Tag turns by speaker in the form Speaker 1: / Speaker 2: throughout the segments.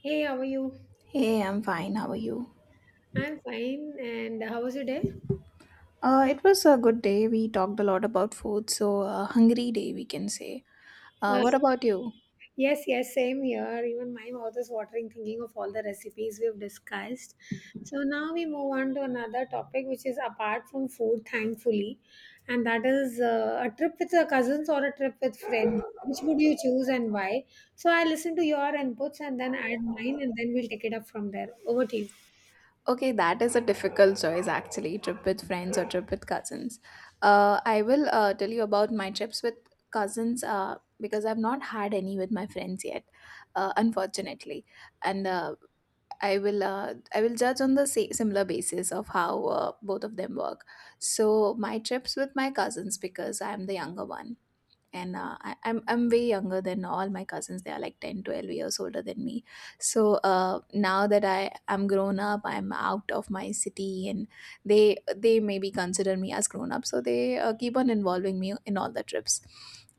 Speaker 1: Hey, how are you?
Speaker 2: Hey, I'm fine. How are you?
Speaker 1: I'm fine. And how was your day?
Speaker 2: It was a good day. We talked a lot about food, so a hungry day, we can say. Uh,
Speaker 1: Uh,
Speaker 2: what about you?
Speaker 1: yes, yes, same here. Even my mouth is watering thinking of all the recipes we've discussed. So now we move on to another topic, which is apart from food, thankfully, and that is a trip with your cousins or a trip with friends. Which would you choose and why? So I listen to your inputs and then add mine, and then we'll take it up from there. Over to you.
Speaker 2: Okay, that is a difficult choice actually. Trip with friends or trip with cousins. I will tell you about my trips with cousins because I've not had any with my friends yet, unfortunately. And I will judge on the similar basis of how both of them work. So my trips with my cousins because I am the younger one and I'm way younger than all my cousins. They are like 10, 12 years older than me. So now that I am grown up, I'm out of my city, and they maybe consider me as grown up. So they keep on involving me in all the trips.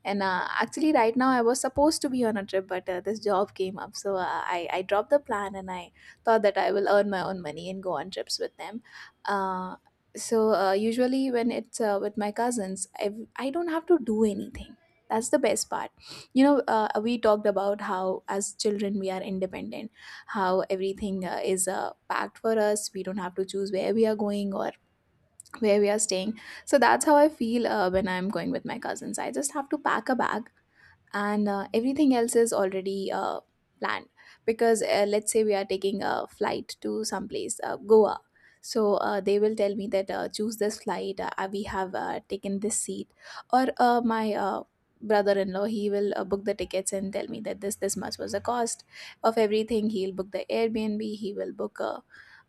Speaker 2: And actually, right now I was supposed to be on a trip, but this job came up, so I dropped the plan, and I thought that I will earn my own money and go on trips with them. Uh, usually when it's with my cousins, I don't have to do anything, that's the best part. We talked about how as children we are independent, how everything is packed for us. We don't have to choose where we are going or where we are staying. So that's how I feel when I'm going with my cousins. I just have to pack a bag, and everything else is already planned. Because let's say we are taking a flight to some place, Goa. So they will tell me that choose this flight, we have taken this seat. Or my brother-in-law, he will book the tickets and tell me that this much was the cost of everything. He'll book the Airbnb, he will book uh,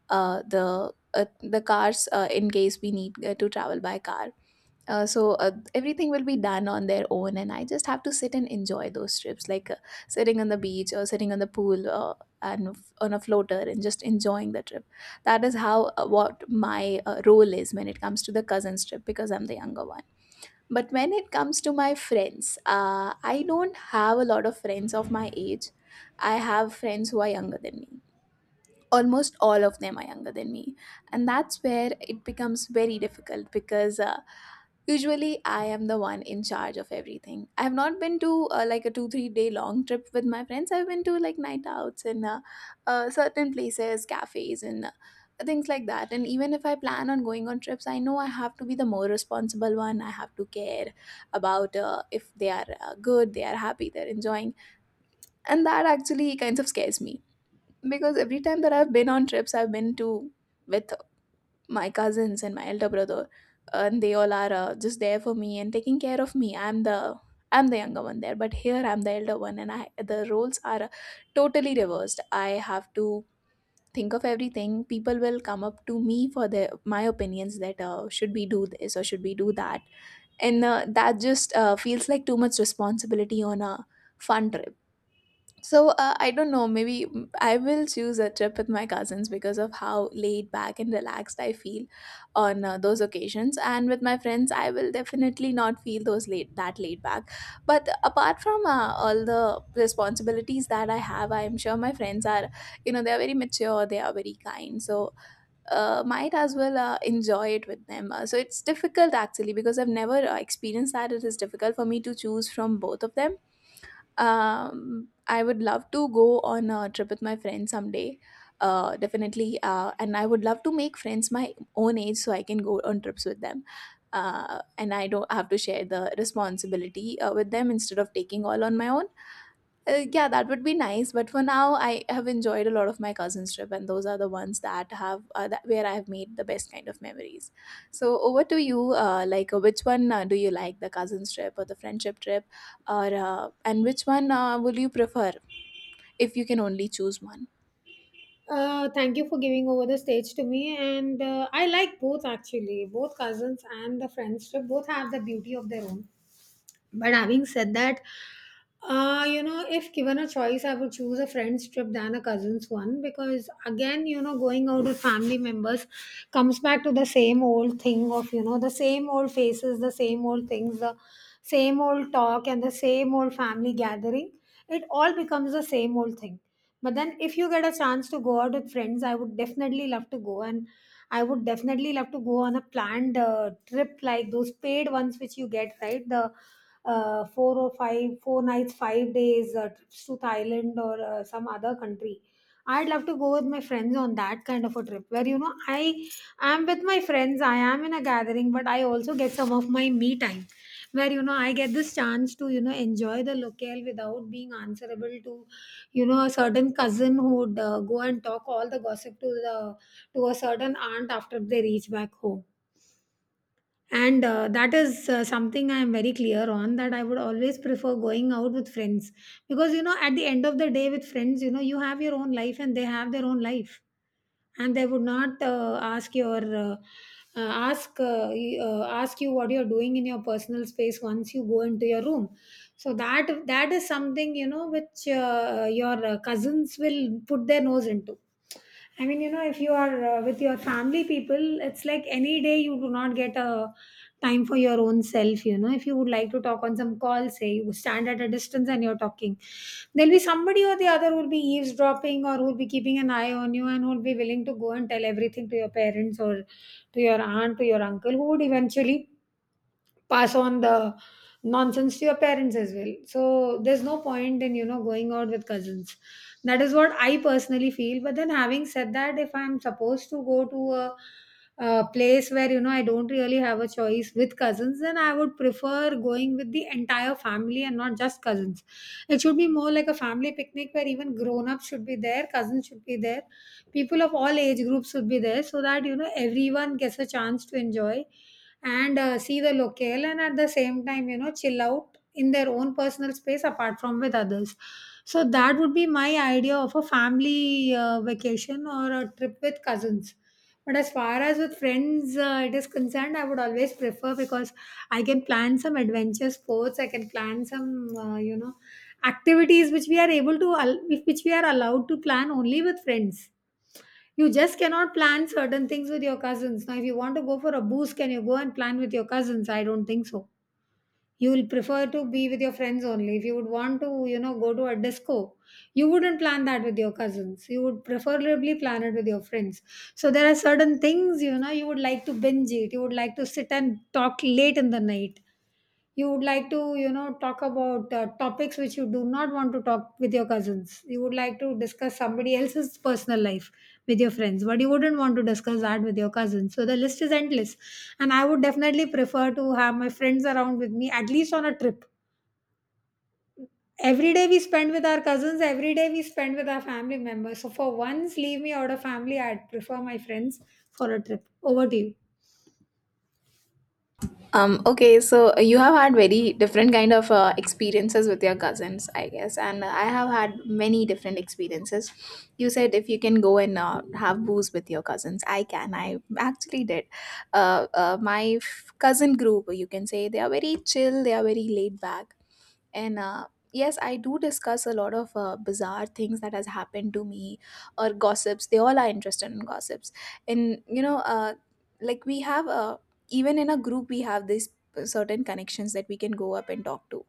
Speaker 2: uh, the uh, the cars in case we need to travel by car. Everything will be done on their own, and I just have to sit and enjoy those trips, like sitting on the beach or sitting on the pool, on a floater and just enjoying the trip. That is how what my role is when it comes to the cousins trip because I'm the younger one. But when it comes to my friends, I don't have a lot of friends of my age. I have friends who are younger than me. Almost all of them are younger than me. And that's where it becomes very difficult, because usually, I am the one in charge of everything. I have not been to like a two, 3 day long trip with my friends. I've been to like night outs and certain places, cafes, and things like that. And even if I plan on going on trips, I know I have to be the more responsible one. I have to care about if they are good, they are happy, they're enjoying. And that actually kind of scares me, because every time that I've been on trips, I've been to with my cousins and my elder brother, and they all are just there for me and taking care of me. I'm the younger one there, but here I'm the elder one, and I the roles are totally reversed. I have to think of everything. People will come up to me for their my opinions, that should we do this or should we do that. And that just feels like too much responsibility on a fun trip. So I don't know. Maybe I will choose a trip with my cousins because of how laid back and relaxed I feel on those occasions. And with my friends, I will definitely not feel those laid that laid back. But apart from all the responsibilities that I have, I am sure my friends are, they are very mature. They are very kind. So might as well enjoy it with them. So it's difficult actually, because I've never experienced that. It is difficult for me to choose from both of them. I would love to go on a trip with my friends someday. Definitely, and I would love to make friends my own age so I can go on trips with them. And I don't have to share the responsibility with them instead of taking all on my own. Yeah, that would be nice. But for now, I have enjoyed a lot of my cousin's trip, and those are the ones that have where I have made the best kind of memories. So over to you. Which one do you like, the cousin's trip or the friendship trip, or and which one will you prefer if you can only choose one?
Speaker 1: Thank you for giving over the stage to me. And I like both actually, both cousins and the friendship. Both have the beauty of their own. But having said that, you know, if given a choice, I would choose a friend's trip than a cousin's one because, again, you know, going out with family members comes back to the same old thing of, you know, the same old faces, the same old things, the same old talk, and the same old family gathering. It all becomes the same old thing. But then, if you get a chance to go out with friends, I would definitely love to go. And I would definitely love to go on a planned trip like those paid ones which you get, right? The four or five, four nights, 5 days trips to Thailand or some other country. I'd love to go with my friends on that kind of a trip where, you know, I'm with my friends. I am in a gathering, but I also get some of my me time where, you know, I get this chance to, you know, enjoy the locale without being answerable to, you know, a certain cousin who would go and talk all the gossip to the to a certain aunt after they reach back home. And that is something I am very clear on, that I would always prefer going out with friends, because, you know, at the end of the day with friends, you know, you have your own life and they have their own life, and they would not ask your ask y- ask you what you're doing in your personal space once you go into your room. So that is something, you know, which your cousins will put their nose into. I mean, you know, if you are with your family people, it's like any day you do not get a time for your own self. You know, if you would like to talk on some call, say you stand at a distance and you're talking, there'll be somebody or the other who'll be eavesdropping or who'll be keeping an eye on you and who'll be willing to go and tell everything to your parents, or to your aunt, to your uncle, who would eventually pass on the nonsense to your parents as well. So there's no point in, you know, going out with cousins. That is what I personally feel. But then, having said that, if I'm supposed to go to a place where, you know, I don't really have a choice with cousins, then I would prefer going with the entire family and not just cousins. It should be more like a family picnic where even grown-ups should be there, cousins should be there, people of all age groups should be there, so that, you know, everyone gets a chance to enjoy and see the locale, and at the same time, you know, chill out in their own personal space apart from with others. So that would be my idea of a family vacation or a trip with cousins. But as far as with friends it is concerned, I would always prefer, because I can plan some adventure sports, I can plan some, you know, activities which we are which we are allowed to plan only with friends. You just cannot plan certain things with your cousins. Now, if you want to go for a booze, can you go and plan with your cousins? I don't think so. You will prefer to be with your friends only. If you would want to, you know, go to a disco, you wouldn't plan that with your cousins. You would preferably plan it with your friends. So there are certain things, you know, you would like to binge it. You would like to sit and talk late in the night. You would like to, you know, talk about topics which you do not want to talk with your cousins. You would like to discuss somebody else's personal life with your friends, but you wouldn't want to discuss that with your cousins. So the list is endless. And I would definitely prefer to have my friends around with me, at least on a trip. Every day we spend with our cousins, every day we spend with our family members. So for once, leave me out of family. I'd prefer my friends for a trip. Over to you.
Speaker 2: Okay, so you have had very different kind of experiences with your cousins, I guess, and I have had many different experiences. You said if you can go and have booze with your cousins, I can. I actually did. My cousin group, you can say, they are very chill. They are very laid back, and yes, I do discuss a lot of bizarre things that has happened to me, or gossips. They all are interested in gossips. And you know, like we have even in a group we have this certain connections that we can go up and talk to.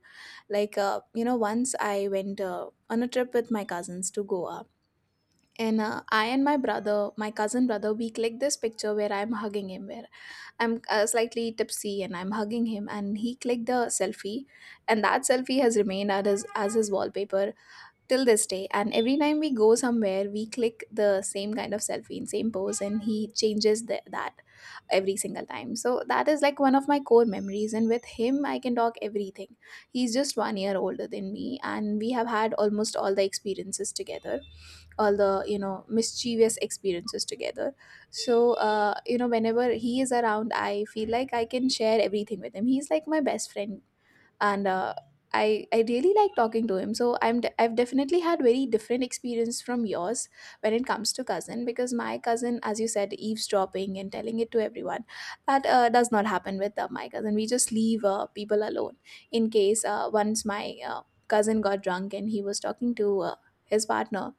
Speaker 2: Like you know, once I went on a trip with my cousins to Goa. And I and my brother, my cousin brother, we clicked this picture where I'm hugging him where. I'm slightly tipsy and I'm hugging him, and he clicked the selfie, and that selfie has remained at as his wallpaper till this day. And every time we go somewhere, we click the same kind of selfie in same pose, and he changes that every single time. So that is like one of my core memories. And with him, I can talk everything. He's just one year older than me, and we have had almost all the experiences together, all the you know mischievous experiences together. So you know, whenever he is around, I feel like I can share everything with him. He's like my best friend. And I really like talking to him. So I've definitely had very different experience from yours when it comes to cousin, because my cousin, as you said, eavesdropping and telling it to everyone, that does not happen with my cousin. We just leave people alone. In case once my cousin got drunk and he was talking to his partner.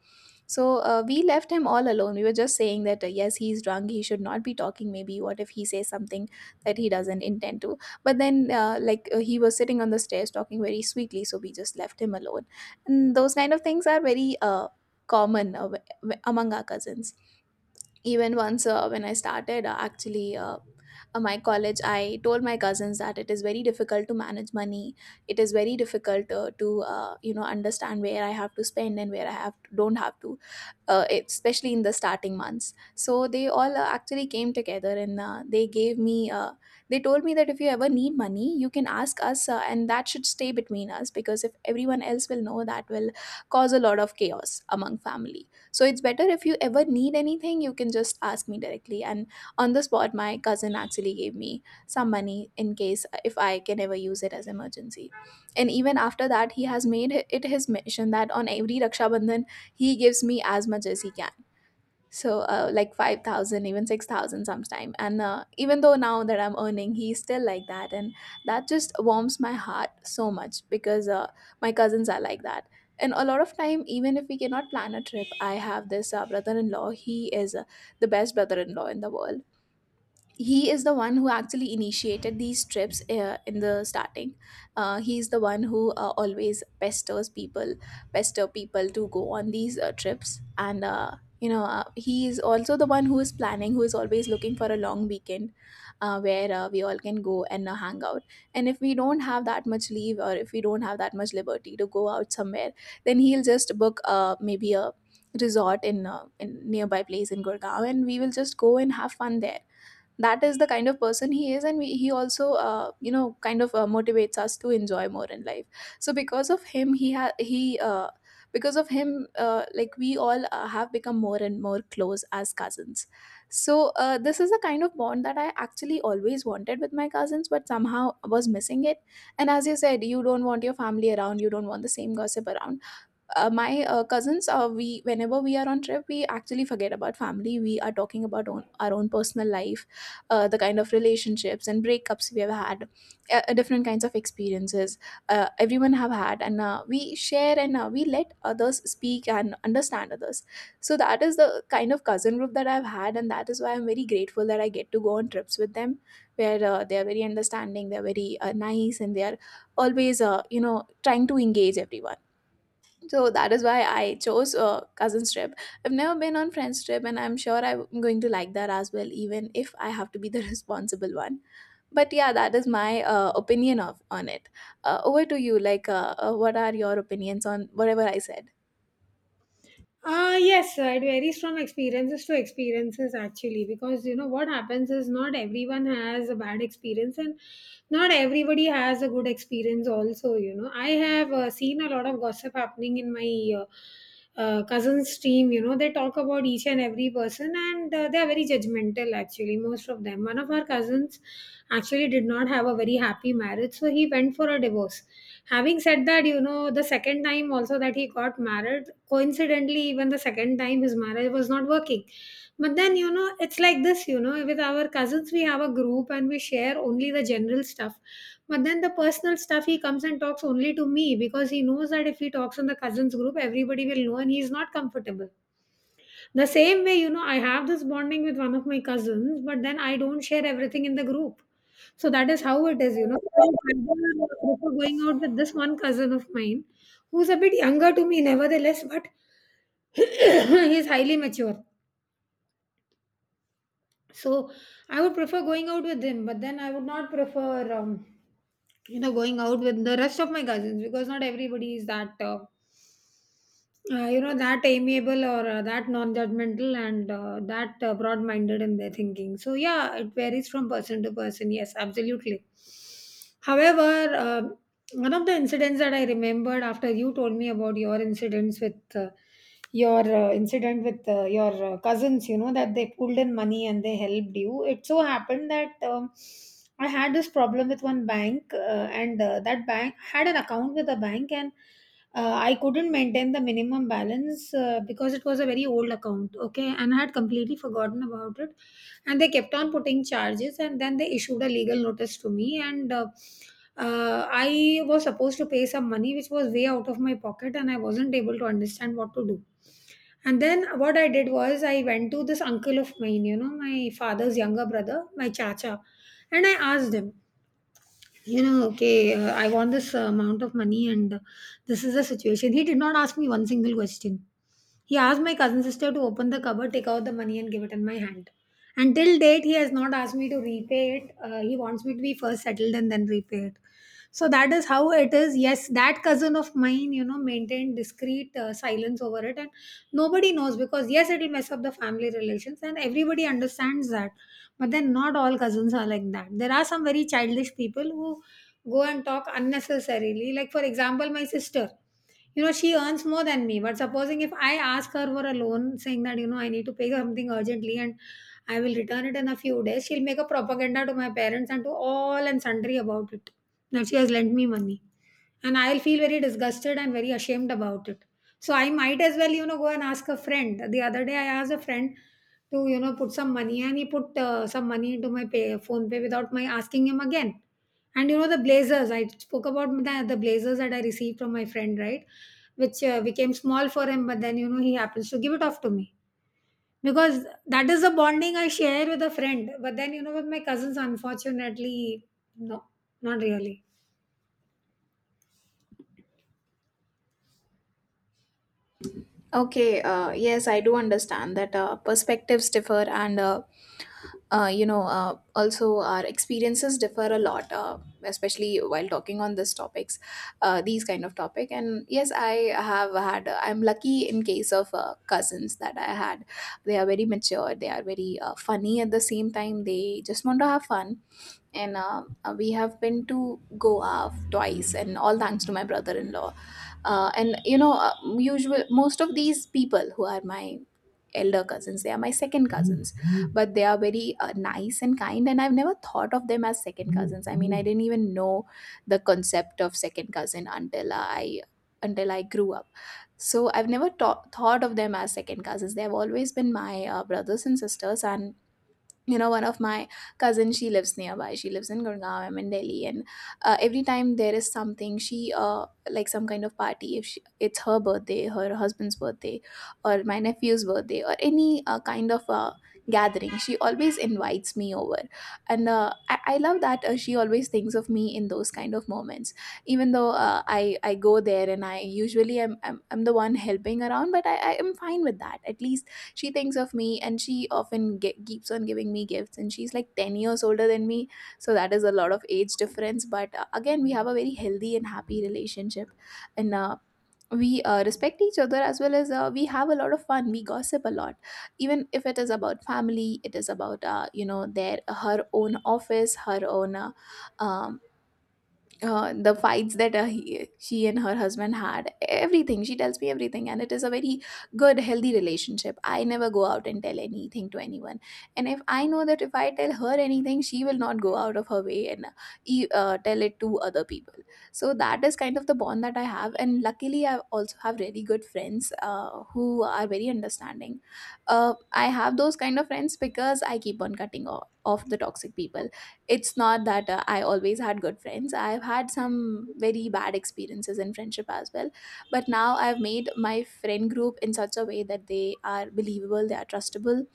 Speaker 2: So we left him all alone. We were just saying that yes, he's drunk. He should not be talking. Maybe what if he says something that he doesn't intend to? But then, he was sitting on the stairs talking very sweetly, so we just left him alone. And those kind of things are very common among our cousins. Even once when I started actually my college, I told my cousins that it is very difficult to manage money. It is very difficult to you know, understand where I have to spend and where I have don't have to. Especially in the starting months. So they all actually came together, and they told me that if you ever need money, you can ask us, and that should stay between us, because if everyone else will know, that will cause a lot of chaos among family. So it's better if you ever need anything, you can just ask me directly. And on the spot, my cousin actually gave me some money in case if I can ever use it as emergency. And even after that, he has made it his mission that on every Raksha Bandhan, he gives me as much as he can, so like 5,000, even 6,000 sometime, and even though now that I'm earning, he's still like that. And that just warms my heart so much, because my cousins are like that. And a lot of time, even if we cannot plan a trip, I have this brother-in-law. He is the best brother-in-law in the world. He is the one who actually initiated these trips in the starting. He is the one who always pesters people to go on these trips. And he is also the one who is planning, who is always looking for a long weekend where we all can go and hang out. And if we don't have that much leave, or if we don't have that much liberty to go out somewhere, then he'll just book maybe a resort in nearby place in Gurgaon, and we will just go and have fun there. That is the kind of person he is. And he also, you know, kind of motivates us to enjoy more in life. So because of him, like we all have become more and more close as cousins. So this is the kind of bond that I actually always wanted with my cousins, but somehow was missing it. And as you said, you don't want your family around, you don't want the same gossip around. My cousins, we, whenever we are on trip, we actually forget about family. We are talking about our own personal life, the kind of relationships and breakups we have had, different kinds of experiences everyone have had. And we share, and we let others speak and understand others. So that is the kind of cousin group that I've had, and that is why I'm very grateful that I get to go on trips with them, where they are very understanding, they're very nice, and they are always, you know, trying to engage everyone. So that is why I chose a cousin's trip. I've never been on friend's trip, and I'm sure I'm going to like that as well, even if I have to be the responsible one. But yeah, that is my opinion of on it. Over to you. Like, what are your opinions on whatever I said?
Speaker 1: Yes, it varies from experiences to experiences actually, because you know what happens is not everyone has a bad experience and not everybody has a good experience also. You know, I have seen a lot of gossip happening in my cousin's team. You know, they talk about each and every person, and they are very judgmental actually, most of them. One of our cousins actually did not have a very happy marriage, so he went for a divorce. Having said that, you know, the second time also that he got married, coincidentally, even the second time his marriage was not working. But then, you know, it's like this, you know, with our cousins we have a group and we share only the general stuff, but then the personal stuff he comes and talks only to me, because he knows that if he talks in the cousins group everybody will know, and he's not comfortable. The same way, you know, I have this bonding with one of my cousins, but then I don't share everything in the group. So that is how it is, you know. So I will prefer going out with this one cousin of mine who's a bit younger to me, nevertheless, but he is highly mature. So I would prefer going out with him, but then I would not prefer, you know, going out with the rest of my cousins, because not everybody is that, you know, that amiable or that non-judgmental and that broad-minded in their thinking. So yeah, it varies from person to person. Yes, absolutely. However, one of the incidents that I remembered after you told me about your incidents with your incident with your cousins, you know, that they pulled in money and they helped you. It so happened that, I had this problem with one bank, and that bank had an account with a bank, and I couldn't maintain the minimum balance because it was a very old account, okay, and I had completely forgotten about it, and they kept on putting charges, and then they issued a legal notice to me. And I was supposed to pay some money, which was way out of my pocket, and I wasn't able to understand what to do. And then what I did was I went to this uncle of mine, you know, my father's younger brother, my chacha, and I asked him, you know, okay, I want this amount of money, and this is the situation. He did not ask me one single question. He asked my cousin sister to open the cupboard, take out the money, and give it in my hand. And till date, he has not asked me to repay it. He wants me to be first settled and then repay it. So that is how it is. Yes, that cousin of mine, you know, maintained discreet silence over it, and nobody knows, because yes, it will mess up the family relations, and everybody understands that. But then not all cousins are like that. There are some very childish people who go and talk unnecessarily. Like, for example, my sister. You know, she earns more than me. But supposing if I ask her for a loan saying that, you know, I need to pay something urgently and I will return it in a few days, she'll make a propaganda to my parents and to all and sundry about it. That she has lent me money, and I'll feel very disgusted and very ashamed about it. So I might as well, you know, go and ask a friend. The other day I asked a friend to, put some money, and he put some money into my pay, phone pay without my asking him again. And you know, the blazers, I spoke about the blazers that I received from my friend, right? Which became small for him, but then, you know, he happens to give it off to me. Because that is the bonding I share with a friend. But then, you know, with my cousins, unfortunately, no, not really.
Speaker 2: Okay. Yes, I do understand that perspectives differ, and also our experiences differ a lot, especially while talking on these topics, these kind of topic. And yes, I have had. I'm lucky in case of cousins that I had. They are very mature. They are very funny at the same time. They just want to have fun. And we have been to Goa twice, and all thanks to my brother-in-law and usual, most of these people who are my elder cousins, they are my second cousins, but they are very nice and kind, and I've never thought of them as second cousins. I mean, I didn't even know the concept of second cousin until I grew up. So I've never thought of them as second cousins. They have always been my brothers and sisters. And you know, one of my cousins, she lives nearby, she lives in Gurgaon, I'm in Delhi. And every time there is something, she like some kind of party, if she, it's her birthday, her husband's birthday, or my nephew's birthday, or any kind of gathering, she always invites me over. And I love that she always thinks of me in those kind of moments, even though I go there and I usually I'm the one helping around, but I am fine with that. At least she thinks of me, and she often keeps on giving me gifts, and she's like 10 years older than me. So that is a lot of age difference, but again, we have a very healthy and happy relationship. And we respect each other, as well as we have a lot of fun. We gossip a lot, even if it is about family. It is about, you know, their her own office, her own um, the fights that she and her husband had. Everything she tells me, everything. And it is a very good, healthy relationship. I never go out and tell anything to anyone. And if I know that if I tell her anything, she will not go out of her way and tell it to other people. So that is kind of the bond that I have. And luckily, I also have really good friends who are very understanding. I have those kind of friends because I keep on cutting off the toxic people. It's not that I always had good friends. I've had some very bad experiences in friendship as well. But now I've made my friend group in such a way that they are believable, they are trustable.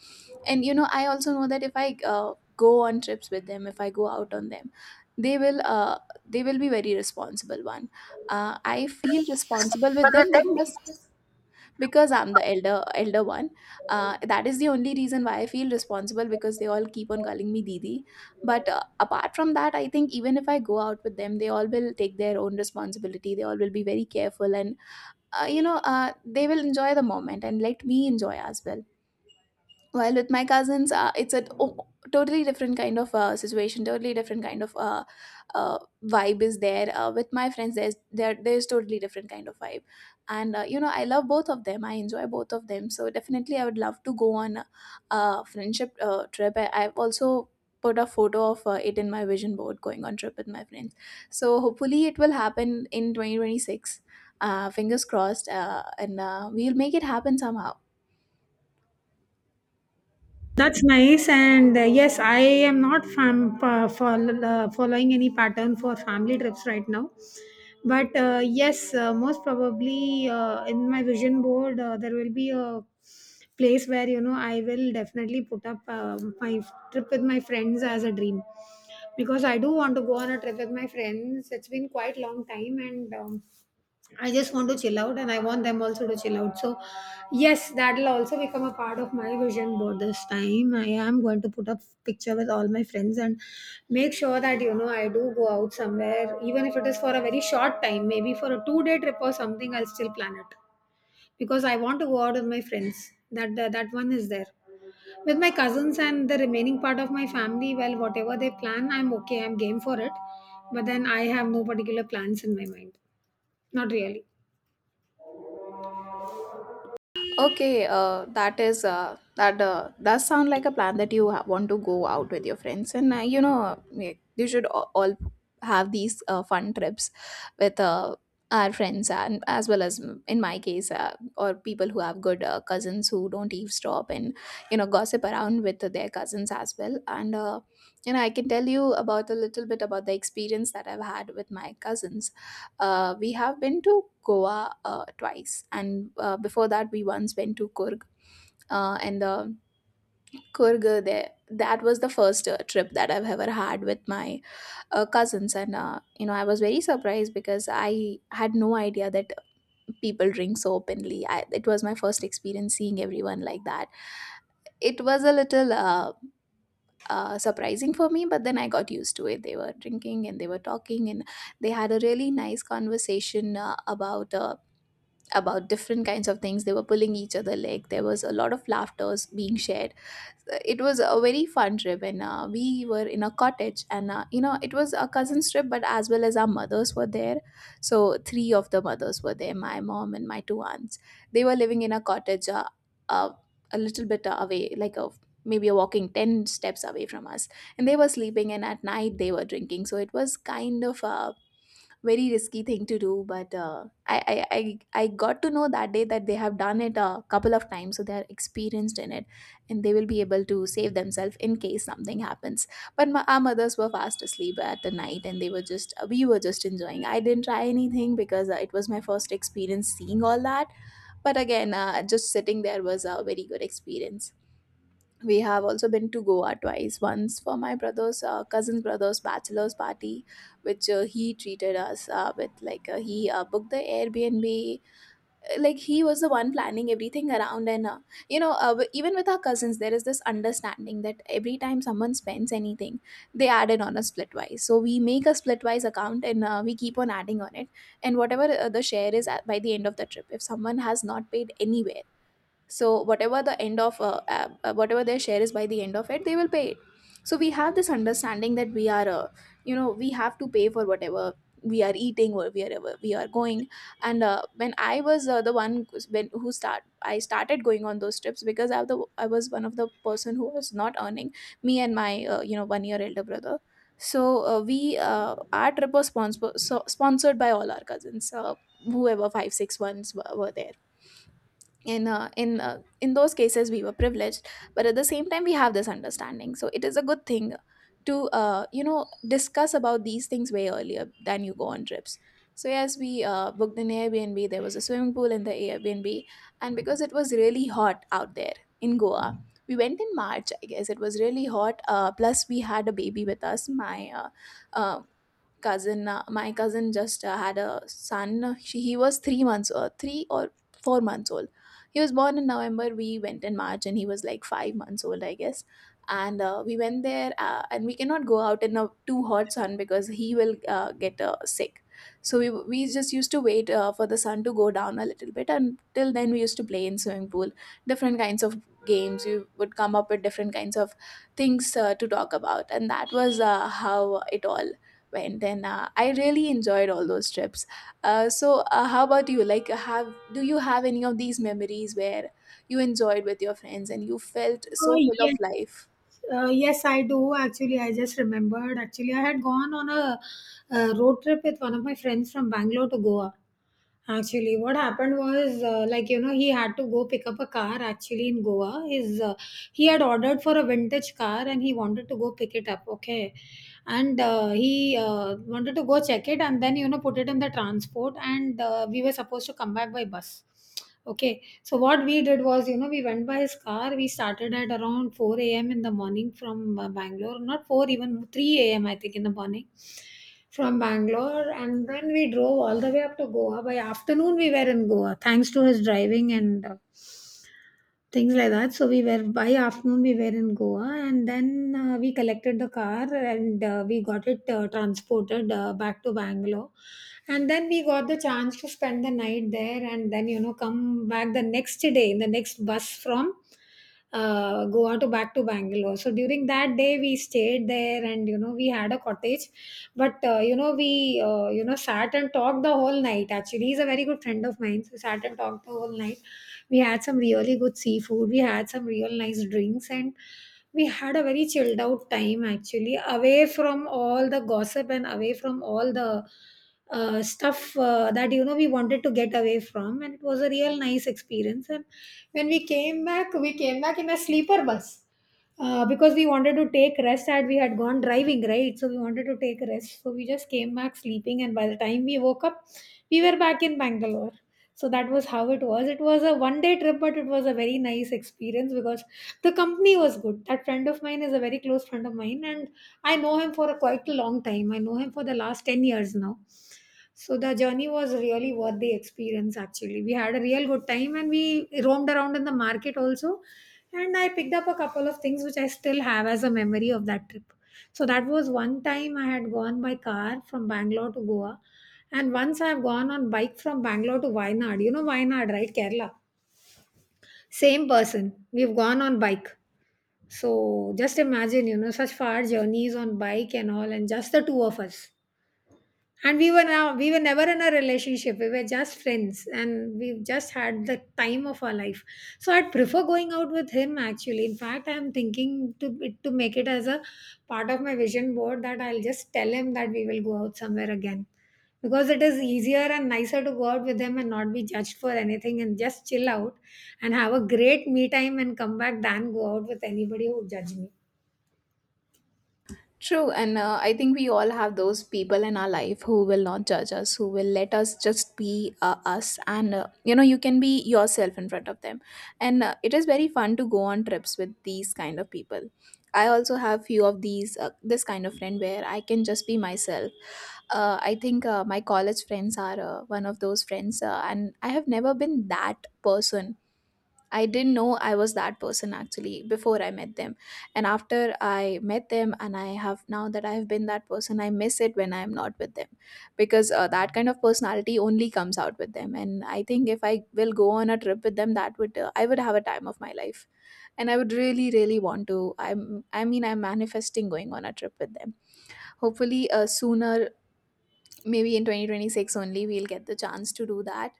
Speaker 2: And you know, I also know that if I go on trips with them, if I go out on them, they will uh, they will be very responsible one. I feel responsible with them because I'm the elder one. That is the only reason why I feel responsible, because they all keep on calling me didi. But apart from that, I think even if I go out with them, they all will take their own responsibility, they all will be very careful. And they will enjoy the moment and let me enjoy as well. While with my cousins, it's totally different kind of situation, totally different kind of uh, vibe is there. With my friends, there there's totally different kind of vibe. And you know, I love both of them, I enjoy both of them. So definitely I would love to go on a friendship trip. I've also put a photo of it in my vision board, going on trip with my friends. So hopefully it will happen in 2026. Fingers crossed, and we'll make it happen somehow.
Speaker 1: That's nice. And yes, I am not following any pattern for family trips right now. But yes, most probably in my vision board, there will be a place where, you know, I will definitely put up my trip with my friends as a dream. Because I do want to go on a trip with my friends. It's been quite long time, and I just want to chill out, and I want them also to chill out. So, yes, that'll also become a part of my vision board this time. I am going to put up picture with all my friends and make sure that you know I do go out somewhere, even if it is for a very short time, maybe for a 2 day trip or something. I'll still plan it because I want to go out with my friends. That one is there with my cousins and the remaining part of my family. Well, whatever they plan, I'm okay. I'm game for it. But then I have no particular plans in my mind. Not really.
Speaker 2: Okay, that is that does sound like a plan that you want to go out with your friends. And you should all have these fun trips with our friends, and as well as mm, in my case, or people who have good cousins who don't eavesdrop and you know gossip around with their cousins as well. And you know, I can tell you about a little bit about the experience that I've had with my cousins. We have been to Goa twice, and before that, we once went to Kurg. And the Kurg there, that was the first trip that I've ever had with my cousins. And you know, I was very surprised because I had no idea that people drink so openly. It was my first experience seeing everyone like that. It was a little surprising for me, but then I got used to it. They were drinking and they were talking, and they had a really nice conversation about different kinds of things. They were pulling each other leg. There was a lot of laughters being shared. It was a very fun trip, and we were in a cottage. And you know, it was a cousin's trip, but as well as our mothers were there. So three of the mothers were there: my mom and my two aunts. They were living in a cottage, uh, a little bit away, like a maybe a walking 10 steps away from us. And they were sleeping, and at night they were drinking, so it was kind of a very risky thing to do. But I got to know that day that they have done it a couple of times, so they are experienced in it and they will be able to save themselves in case something happens. But our mothers were fast asleep at the night, and they were just we were just enjoying. I didn't try anything because it was my first experience seeing all that. But again, just sitting there was a very good experience. We have also been to Goa twice, once for my brother's cousin's brother's bachelor's party, which he treated us with, like, he booked the Airbnb. Like, he was the one planning everything around. And even with our cousins there is this understanding that every time someone spends anything, they add it on a Splitwise. So we make a Splitwise account and we keep on adding on it. And whatever the share is at, by the end of the trip, if someone has not paid anywhere, so whatever the end of whatever their share is by the end of it, they will pay it. So we have this understanding that we are, uh, we have to pay for whatever we are eating or wherever we are going. And when I was the one who's been, who start I started going on those trips because I was one of the person who was not earning, me and my 1 year elder brother. So we our trip was sponsored by all our cousins, whoever five six ones were there. In in those cases we were privileged, but at the same time we have this understanding, so it is a good thing to, uh, discuss about these things way earlier than you go on trips. So yes, we booked an Airbnb. There was a swimming pool in the Airbnb, and because it was really hot out there in Goa. We went in March, I guess. It was really hot, plus we had a baby with us. My uh, cousin, my cousin just had a son. He was 3 months, 3 or 4 months old. He was born in November, we went in March, and he was like 5 months old, I guess. And we went there, and we cannot go out in a too hot sun because he will get sick. So we just used to wait for the sun to go down a little bit. Until then, we used to play in swimming pool, different kinds of games. We would come up with different kinds of things to talk about, and that was how it all went. And then I really enjoyed all those trips. So, how about you? Like, have do you have any of these memories where you enjoyed with your friends and you felt so full of
Speaker 1: Yes,
Speaker 2: life?
Speaker 1: yes, I do. Actually, I just remembered. Actually, I had gone on a, road trip with one of my friends from Bangalore to Goa. Actually, what happened was, like you know, he had to go pick up a car. Actually, in Goa, his he had ordered for a vintage car and he wanted to go pick it up. Okay, and he wanted to go check it and then you know put it in the transport. And we were supposed to come back by bus. Okay, so what we did was, you know, we went by his car. We started at around 4 a.m. in the morning from Bangalore, not 4, even 3 a.m., I think, in the morning from Bangalore. And then we drove all the way up to Goa. By afternoon, we were in Goa, thanks to his driving and things like that. So we were by afternoon we were in Goa, and then we collected the car, and we got it transported back to Bangalore, and then we got the chance to spend the night there, and then you know come back the next day in the next bus from. Goa to back to Bangalore. So during that day, we stayed there, and you know we had a cottage, but you know we you know sat and talked the whole night. Actually, he's a very good friend of mine, so we sat and talked the whole night. We had some really good seafood. We had some real nice drinks, and we had a very chilled out time actually, away from all the gossip and away from all the stuff that you know we wanted to get away from. And it was a real nice experience, and when we came back, we came back in a sleeper bus because we wanted to take rest, and we had gone driving, right? So we wanted to take rest, so we just came back sleeping, and by the time we woke up, we were back in Bangalore. So that was how it was. It was a 1 day trip, but it was a very nice experience, because the company was good. That friend of mine is a very close friend of mine, and I know him for a quite a long time. I know him for the last 10 years now. So the journey was really worth the experience. Actually, we had a real good time, and we roamed around in the market also, and I picked up a couple of things which I still have as a memory of that trip. So that was one time I had gone by car from Bangalore to Goa, and once I have gone on bike from Bangalore to Wayanad. You know Wayanad, right? Kerala. Same person. We've gone on bike. So just imagine, you know, such far journeys on bike and all, and just the two of us. And we were never in a relationship. We were just friends, and we've just had the time of our life. So I'd prefer going out with him actually. In fact, I'm thinking to make it as a part of my vision board, that I'll just tell him that we will go out somewhere again, because it is easier and nicer to go out with him and not be judged for anything and just chill out and have a great me time and come back, than go out with anybody who judge me.
Speaker 2: True, and I think we all have those people in our life who will not judge us, who will let us just be, us, and, you know, you can be yourself in front of them. And it is very fun to go on trips with these kind of people. I also have few of these, this kind of friend where I can just be myself. I think my college friends are one of those friends, and I have never been that person. I didn't know I was that person actually before I met them. And after I met them, and I have now that I've been that person, I miss it when I'm not with them because that kind of personality only comes out with them. And I think if I will go on a trip with them, that would, I would have a time of my life. And I would really, really want to. I mean, I'm manifesting going on a trip with them, hopefully sooner, maybe in 2026 only we'll get the chance to do that.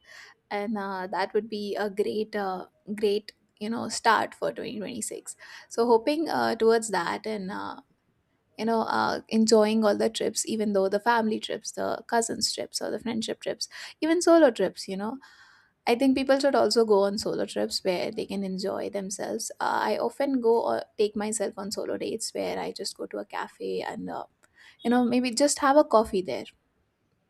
Speaker 2: And that would be a great, you know, start for 2026. So hoping towards that, and enjoying all the trips, even though the family trips, the cousins trips, or the friendship trips, even solo trips, you know. I think people should also go on solo trips where they can enjoy themselves. I often go or take myself on solo dates where I just go to a cafe, and, uh, maybe just have a coffee there,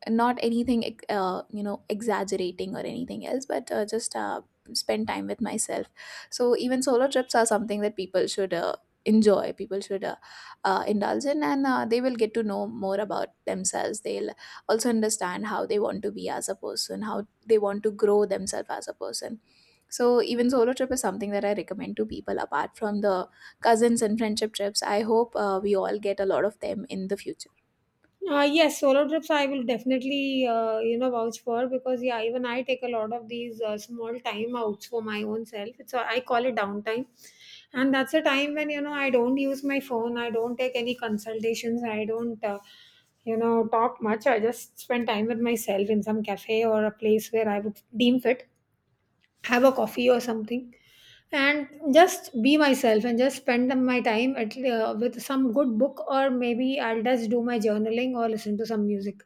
Speaker 2: not anything, uh, exaggerating or anything else, but just spend time with myself. So even solo trips are something that people should enjoy. People should indulge in, and they will get to know more about themselves. They'll also understand how they want to be as a person, how they want to grow themselves as a person. So even solo trip is something that I recommend to people, apart from the cousins and friendship trips. I hope we all get a lot of them in the future.
Speaker 1: Yes, solo trips I will definitely you know vouch for, because yeah, even I take a lot of these small time outs for my own self. So I call it downtime, and that's a time when you know I don't use my phone. I don't take any consultations. I don't you know talk much. I just spend time with myself in some cafe or a place where I would deem fit, have a coffee or something, and just be myself and just spend my time at with some good book, or maybe I'll just do my journaling or listen to some music.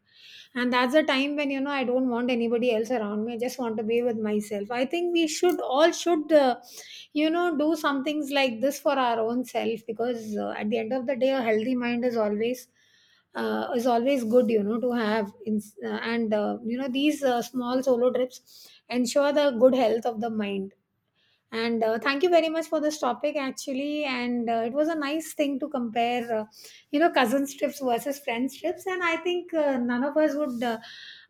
Speaker 1: And that's the time when you know I don't want anybody else around me. I just want to be with myself. I think we should all should you know do some things like this for our own self, because at the end of the day a healthy mind is always good you know to have in, and you know these small solo trips ensure the good health of the mind. And thank you very much for this topic, actually. And it was a nice thing to compare, you know, cousins trips versus friends trips. And I think none of us would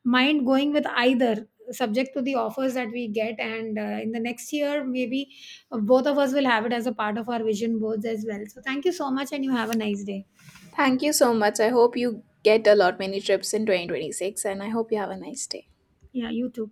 Speaker 1: mind going with either, subject to the offers that we get. And in the next year, maybe both of us will have it as a part of our vision boards as well. So thank you so much, and you have a nice day.
Speaker 2: Thank you so much. I hope you get a lot many trips in 2026, and I hope you have a nice day.
Speaker 1: Yeah, you too.